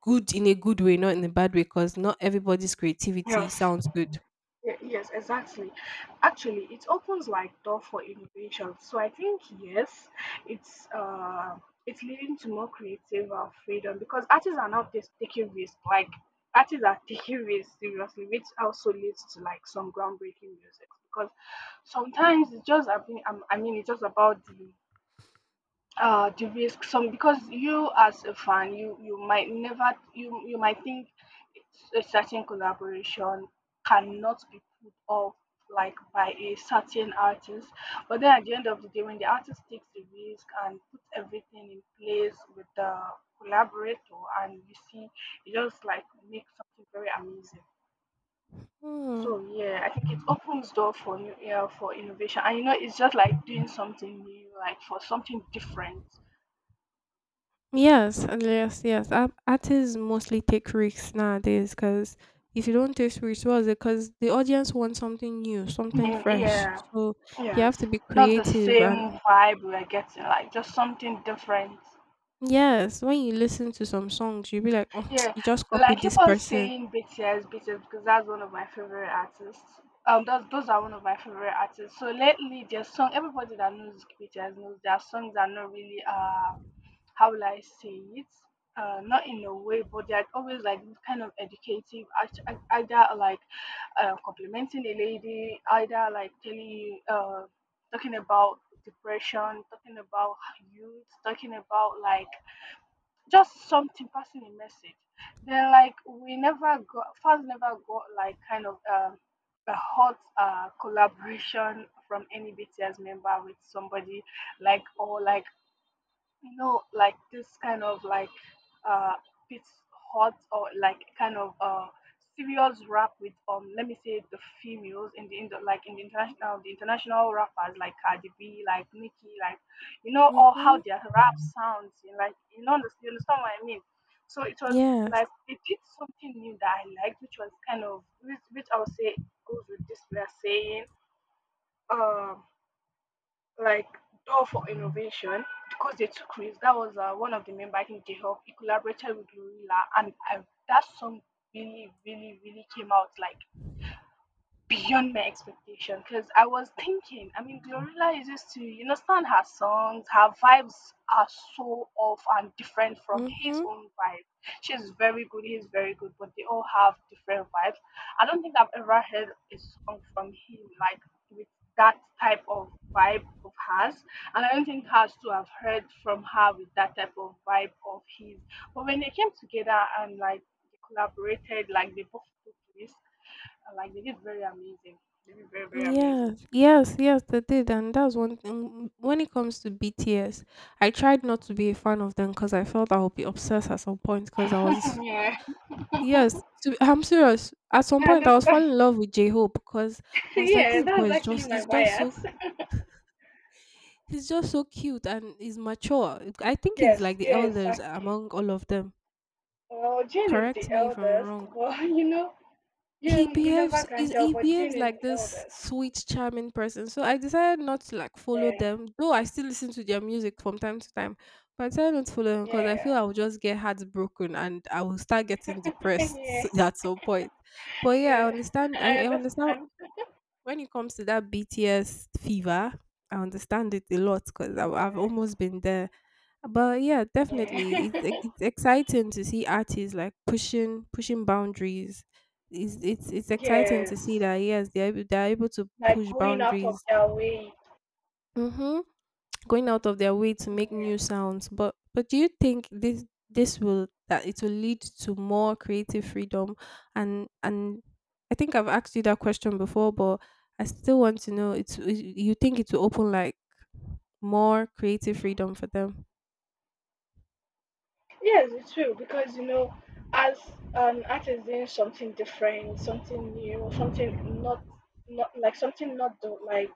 good in a good way, not in a bad way, because not everybody's creativity Yes. sounds good. Yes, exactly. Actually, it opens like door for innovation. So I think yes, it's uh, it's leading to more creative freedom because artists are now just taking risks. Like artists are taking risks seriously, which also leads to like some groundbreaking music because sometimes it's just I mean, it's just about the risk. Some because you as a fan, you might never, you might think a certain collaboration cannot be put off like by a certain artist, but then at the end of the day when the artist takes the risk and puts everything in place with the collaborator, and you see it just like makes something very amazing. Hmm. So yeah, I think it opens door for new, yeah, for innovation, and you know it's just like doing something new, like for something different. Yes, and yes, yes. Art- Artists mostly take risks nowadays because if you don't take risks, what's it? Because the audience wants something new, something Yeah, fresh. yeah, So you yes. have to be Not the creative. And same vibe we're getting, like just something different. yes, when you listen to some songs, you'll be like, oh, Yeah, you just like copied keep this on person. saying BTS, BTS because that's one of my favorite artists. Those those are one of my favorite artists. So lately, their song, everybody that knows BTS knows their songs are not really how will I say it? Not in a way, but they're always like kind of educative, either like complimenting a lady, either like telling you, talking about depression, talking about youth, talking about like just something passing a message. Then like we never got fans never got like kind of a hot collaboration from any BTS member with somebody like or like you know, like this kind of like uh bit hot or like kind of serious rap with let me say the females in the like in the international, the international rappers like Cardi B, like Nicki, like you know, or Mm-hmm. how their rap sounds, you know, like you know, you understand what I mean. So it was Yes. like they did something new that I liked, which was kind of which I would say goes with this we are saying. Um like Door for innovation because they took risks. That was one of the members, I think they helped. He collaborated with Glorilla, and I, that song really, really, really came out like beyond my expectation because I was thinking, I mean, Glorilla is used to, you understand her songs, her vibes are so off and different from his Mm-hmm. own vibe. She's very good, he's very good, but they all have different vibes. I don't think I've ever heard a song from him like with that type of vibe of hers, and I don't think hers too have heard from her with that type of vibe of his. But when they came together and like they collaborated, like they both took risks. I like they did very amazing. They be very, very amazing. Yes. Yes. Yes. They did, and that's one thing. When it comes to BTS, I tried not to be a fan of them because I felt I would be obsessed at some point because I was. Yeah, Yes, to, I'm serious. At some I point, I was understand. falling in love with J Hope because I was like, Yeah, this boy that's actually my is just so, bias. he's just so cute and he's mature. I think he's Yes, like the yeah, elders exactly. among all of them. Well, Jane is Correct the me if I'm eldest, wrong. but you know, He you never behaves, can is tell. he But Jane behaves is like the this eldest. sweet, charming person. So I decided not to like follow Yeah, them, though I still listen to their music from time to time. But I decided not to follow them because I yeah, feel I will just get heartbroken and I will start getting depressed yeah, at some point. But yeah, yeah. I understand. I, I I understand understand. when it comes to that BTS fever, I understand it a lot because I've Yeah, almost been there. But yeah, definitely, it's ex- yeah. it's exciting to see artists like pushing boundaries. It's exciting to see Yes, that yes, they're able to like push going out of boundaries. their way. Mm-hmm. Going out of their way to make Yeah. new sounds. But do you think this will that it will lead to more creative freedom? And I think I've asked you that question before, but I still want to know. It's you think it will open like more creative freedom for them? Yes, it's true because you know, as an artist doing something different, something new, something not not like something not do, like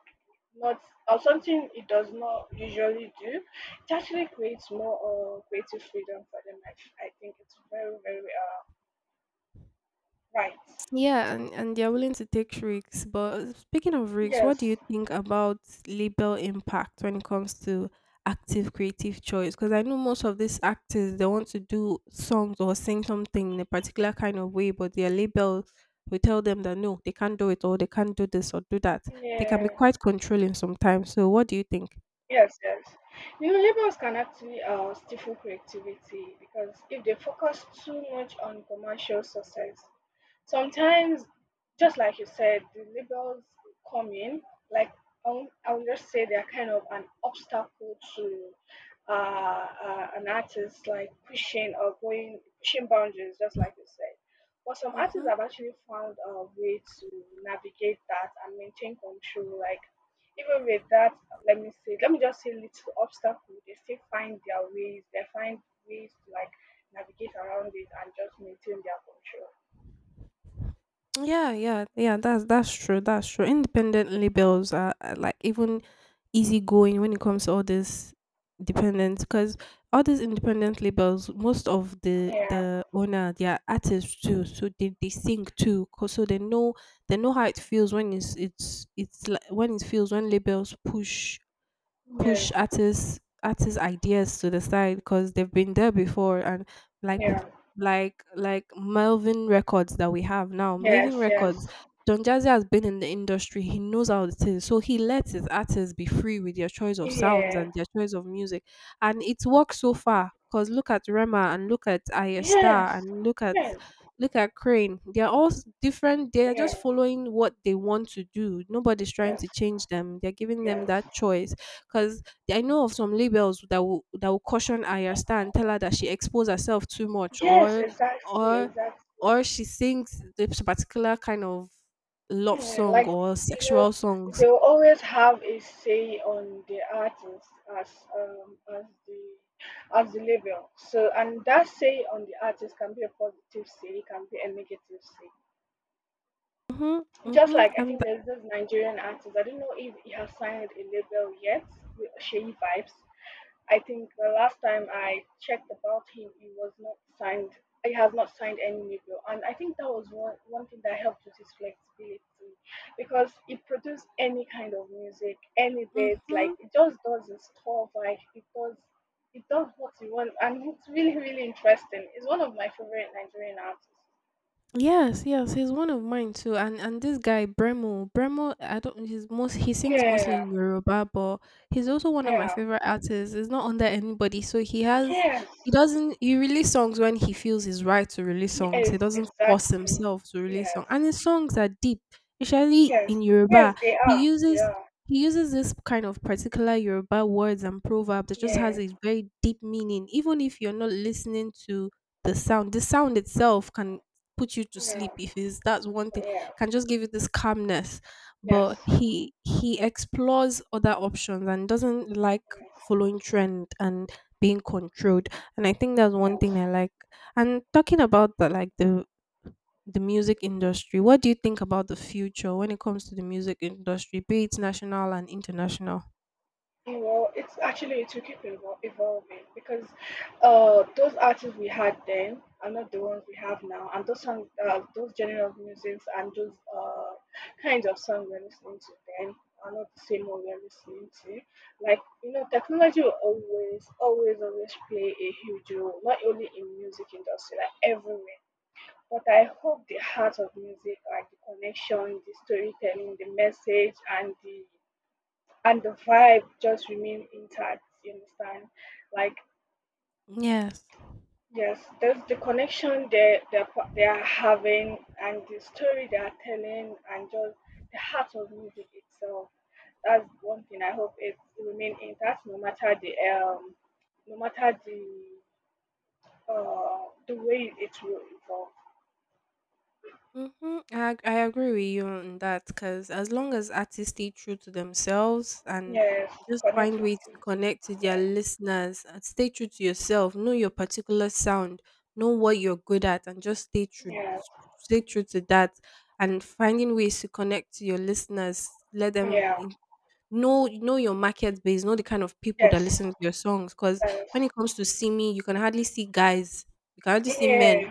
not or something it does not usually do, it actually creates more creative freedom for them. I think it's very very right. Yeah, and they're willing to take risks. But speaking of risks, what Yes. do you think about label impact when it comes to active creative choice? Because I know most of these actors they want to do songs or sing something in a particular kind of way, but their label will tell them that no, they can't do it or they can't do this or do that. They can be Yeah. quite controlling sometimes. So what do you think? Yes, yes. You know, labels can actually stifle creativity because if they focus too much on commercial success, sometimes, just like you said, the labels come in. Like I would just say they're kind of an obstacle to an artist, like pushing or going pushing boundaries, just like you said. But some artists Mm-hmm. have actually found a way to navigate that and maintain control. Like even with that, let me just say, little obstacle, they still find their ways. They find ways to like navigate around it and just maintain their control. Yeah, yeah, yeah. That's true. That's true. Independent labels are like even easygoing when it comes to all this dependence because all these independent labels, most of the Yeah. the owner, they are artists too, so they sing too, 'cause so they know how it feels when it's like when it feels when labels push Yeah, artists ideas to the side because they've been there before and like yeah, like like Melvin Records that we have now. yes, Melvin yes, Records, Don Jazzy has been in the industry. He knows how it is. So he lets his artists be free with their choice of sounds yeah, and their choice of music. And it's worked so far. Cause look at Rema and look at Aya yes, Star and look at yes, look at Crane. They're all different. They're yeah, just following what they want to do. Nobody's trying yes, to change them. They're giving them yes, that choice. Because I know of some labels that will caution Aya Star and tell her that she exposed herself too much, yes, exactly, or exactly. or she sings this particular kind of love Yeah, song like or you know, sexual songs. they'll always have a say on the artist as as the label. So and that say on the artist can be a positive say, it can be a negative say. Mm-hmm, Just mm-hmm, like I and think there's this Nigerian artist, I don't know if he has signed a label yet, with Shady Vibes. I think the last time I checked about him, he was not signed. He has not signed any new deal, and I think that was one thing that helped with his flexibility, because he produced any kind of music, any beats. mm-hmm. Like it just does his stuff. Like it does what he wants, and it's really interesting. He's one of my favorite Nigerian artists. Yes, yes, he's one of mine too. And this guy Bremo, I don't. He sings mostly Yeah, in Yoruba, but he's also one of my yeah, favorite artists. He's not under anybody, so yes, he doesn't he release songs when he feels it's right to release songs. He yes, doesn't force exactly. himself to release songs, Yes, and his songs are deep, especially yes, in yes. Yoruba. They He are. They uses are. he uses this kind of particular Yoruba words and proverb that just Yeah, has a very deep meaning, even if you're not listening to the sound. The sound itself can put you to yeah. sleep if it's That's one thing, Yeah. can just give you this calmness, but Yes. he explores other options and doesn't like Yes. following trend and being controlled. And I think that's one Yes. thing I like. And talking about the like the music industry, what do you think about the future when it comes to the music industry, be it national and international? Well, it's actually it will keep evol- evolving because those artists we had then are not the ones we have now, and those songs, those genre of music and those kinds of songs we're listening to then are not the same one we're listening to. Like you know, technology will always, always, always play a huge role, not only in music industry, like everywhere. But I hope the heart of music, like the connection, the storytelling, the message, and the vibe, just remain intact. You understand? Like Yes. yes, there's the connection they are having, and the story they are telling, and just the heart of music itself. That's one thing I hope it remain intact, no matter the um, no matter the way it will evolve. I I agree with you on that, because as long as artists stay true to themselves and Yes, just connect find with ways the to connect to yeah, their listeners and stay true to yourself, know your particular sound, know what you're good at, and just yeah. stay true to that, and finding ways to connect to your listeners, let them Yeah. in, know your market base, know the kind of people that Yes. listen to your songs. Because Yes. when it comes to see me, you can hardly see guys, you can hardly see men Yeah.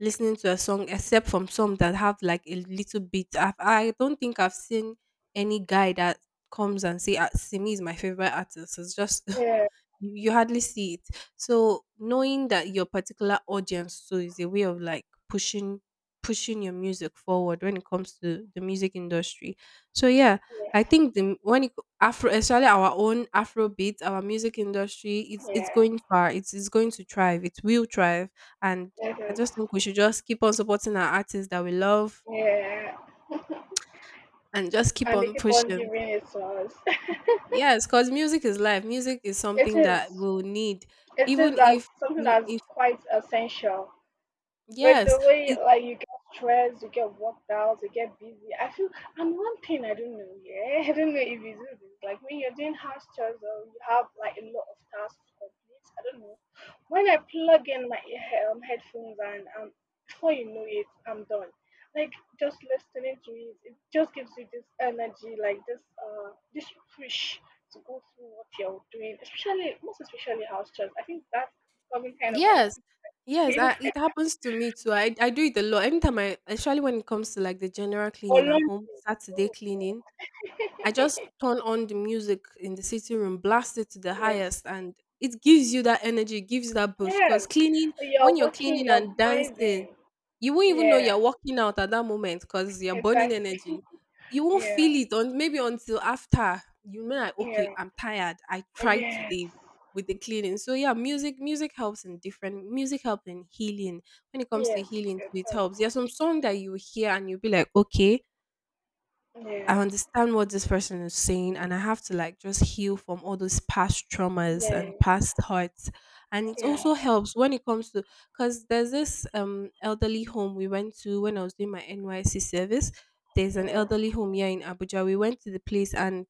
listening to a song except from some that have like a little bit. I don't think I've seen any guy that comes and say, "Ah, Simi is my favorite artist," it's just Yeah. you hardly see it. So knowing that your particular audience too is a way of like pushing your music forward when it comes to the music industry. So yeah, I Yes. think Afro, especially our own Afrobeat, our music industry, it's Yeah. going far. It's going to thrive. It will thrive, and It I is. just think we should just keep on supporting our artists that we love Yeah. and just keep And they on keep on pushing. giving it to us. Yes, because music is life. Music is It something is. that we'll need, It even is as if something in, that's quite essential. But yes, the way it like you get stressed, you get worked out, you get busy. I feel and one thing I don't know, yeah, I don't know if you do this. Like when you're doing house chores or you have like a lot of tasks to complete, I don't know. When I plug in my headphones and before you know it, I'm done. Like just listening to it, it just gives you this energy, like this push to go through what you're doing, especially most especially house chores. I think that's becoming kind of yes, addictive. yes. I, it happens to me too. I do it a lot. Especially when it comes to like the general cleaning at Olympic. home, Saturday Oh, cleaning, God. I just turn on the music in the sitting room, blast it to the Yes. highest, and it gives you that energy, gives you that boost. Because Yes. cleaning, You're when you're working, cleaning you're and dancing, vibing. you won't even know Yeah, you're working out at that moment because you're burning exactly. energy. You won't Yeah. feel it on maybe until after, you know, like, okay, Yeah. I'm tired. I tried today Yes. with the cleaning. So yeah, music helps in different, music helps in healing. When it comes to Yes, healing, it too, it does. helps. There's some song that you hear and you'll be like, okay, I Yeah. understand what this person is saying, and I have to like just heal from all those past traumas Yeah. and past hurts. And it Yeah. also helps when it comes to, because there's this elderly home we went to when I was doing my NYC service. There's an Yeah. elderly home here in Abuja. We went to the place, and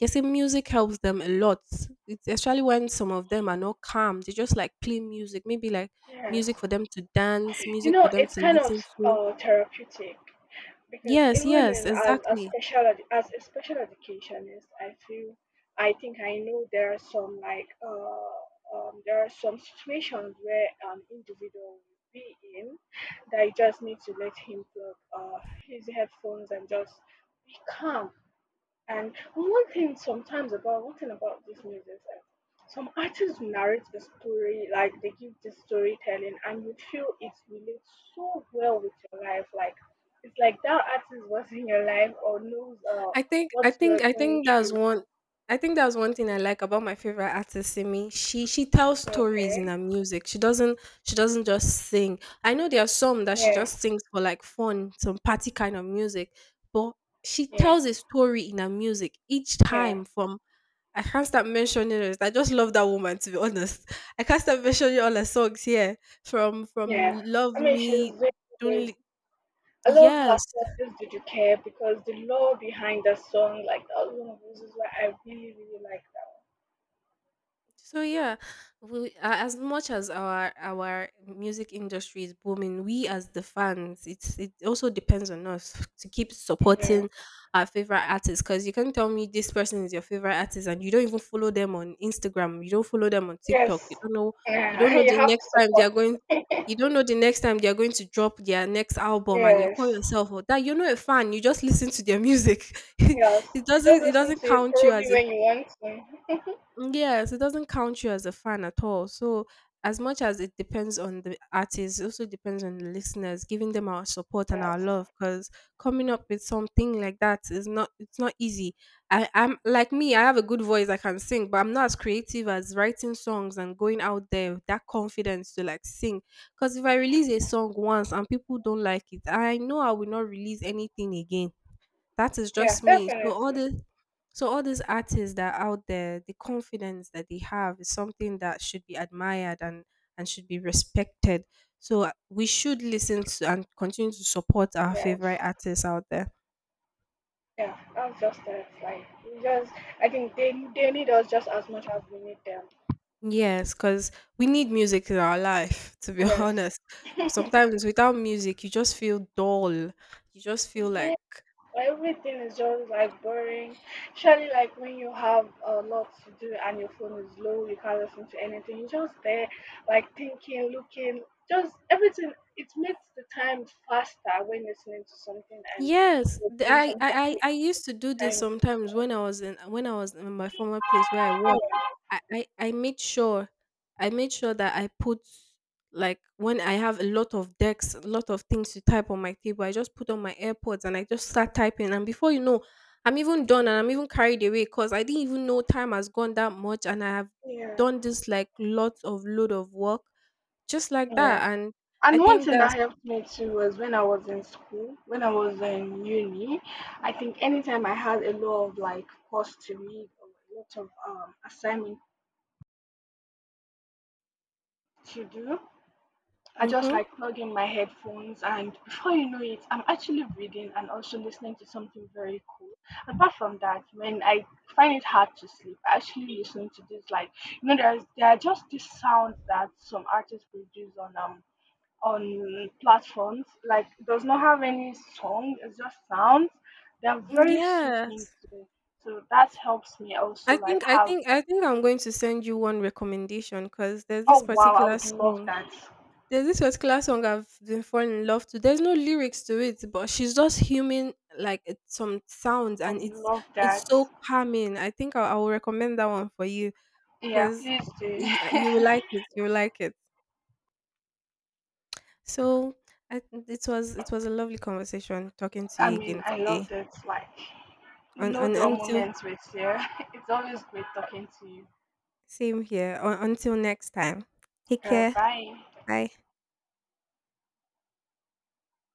they say music helps them a lot. It's especially when some of them are not calm, they just like play music, maybe like Yes. music for them to dance, You music for know, them it's to kind of listen to. Therapeutic. Because Yes, even yes, in as a exactly. As a special educationist I feel I think I know there are some like there are some situations where an individual will be in that you just need to let him plug his headphones and just be calm. And one thing sometimes about one thing about this music is that some artists narrate the story, like they give the storytelling, and you feel it relates so well with your life. Like it's like that artist was in your life or knows I think what I you are think I going think that's through. one I think that's one thing I like about my favorite artist Simi. She tells stories in Okay. her music. She doesn't just sing. I know there are some that she Yeah. just sings for like fun, some party kind of music, but she Yeah. tells a story in her music each Yeah. time from, I can't start mentioning it. I just love that woman to be honest. I can't start mentioning all her songs here. From Yeah. Love I mean, she's Me, very good. Don't, I love her yes. song, Just Did You Care, because the lore behind that song, like that was one of the reasons why I really like So yeah, we, as much as our music industry is booming, we as the fans, it's it also depends on us to keep that. Yeah. supporting our favorite artists. Because you can tell me this person is your favorite artist, and you don't even follow them on Instagram, you don't follow them on TikTok, Yes. You don't know Yeah, you the have to next time they are support. going, you don't know the next time they are going to drop their next album, and you call Yes. yourself or that you're not a fan, you just listen to their music. Yes. it You just doesn't it listen doesn't to it count you probably as a, when you want to. mm, yes, it doesn't count you as a fan at all. So, as much as it depends on the artist, it also depends on the listeners, giving them our support and our Yes. love. Because coming up with something like that is not easy. I, I'm like me, I have a good voice, I can sing, but I'm not as creative as writing songs and going out there with that confidence to like sing. Because if I release a song once and people don't like it, I know I will not release anything again. That is Yeah, just me. So all definitely. this so all these artists that are out there, the confidence that they have is something that should be admired and should be respected. So we should listen to and continue to support our Yes. favorite artists out there. Yeah, that's just it. Like, we just, I think they need us just as much as we need them. Yes, because we need music in our life, to be Yes. honest. Sometimes without music, you just feel dull. You just feel Yes. like, Everything is just like boring. Surely, like when you have a lot to do and your phone is low, you can't listen to anything. You're just there, like thinking, looking, just everything. It makes the time faster when listening to something and yes, you're doing I something. With used to do the this time. sometimes when I was in my former place where I worked. I, I I made sure I made sure that I put, like when I have a lot of decks, a lot of things to type on my table, I just put on my AirPods and I just start typing. And before you know, I'm even done and I'm even carried away because I didn't even know time has gone that much and I have Yeah, done this like lots of load of work just like yeah. that. And I And one think thing that's that helped me too was when I was in school, when I was in uni, I think anytime I had a lot of like course to read or a lot of assignment to do, I just mm-hmm. like plug in my headphones, and before you know it, I'm actually reading and also listening to something very cool. Apart from that, when I find it hard to sleep, I actually listen to this like you know there are just these sounds that some artists produce on platforms like does not have any song, it's just sounds. They're very Yeah. soothing to so that helps me I also like think I have a think I good think I'm sleep. going to send you one recommendation because there's Oh this wow, I particular would love song. that. There's this particular song I've been falling in love to. There's no lyrics to it, but she's just humming like some sounds, I and would it's love it's that. so calming. I will recommend that one for you Yeah, because please do. You will like it. You will like it. So it was a lovely conversation talking to I you mean, again I today. loved it. Like, no And dull until moments with you. It's always great talking to you. Same here. Until next time. Take care. Bye. Bye.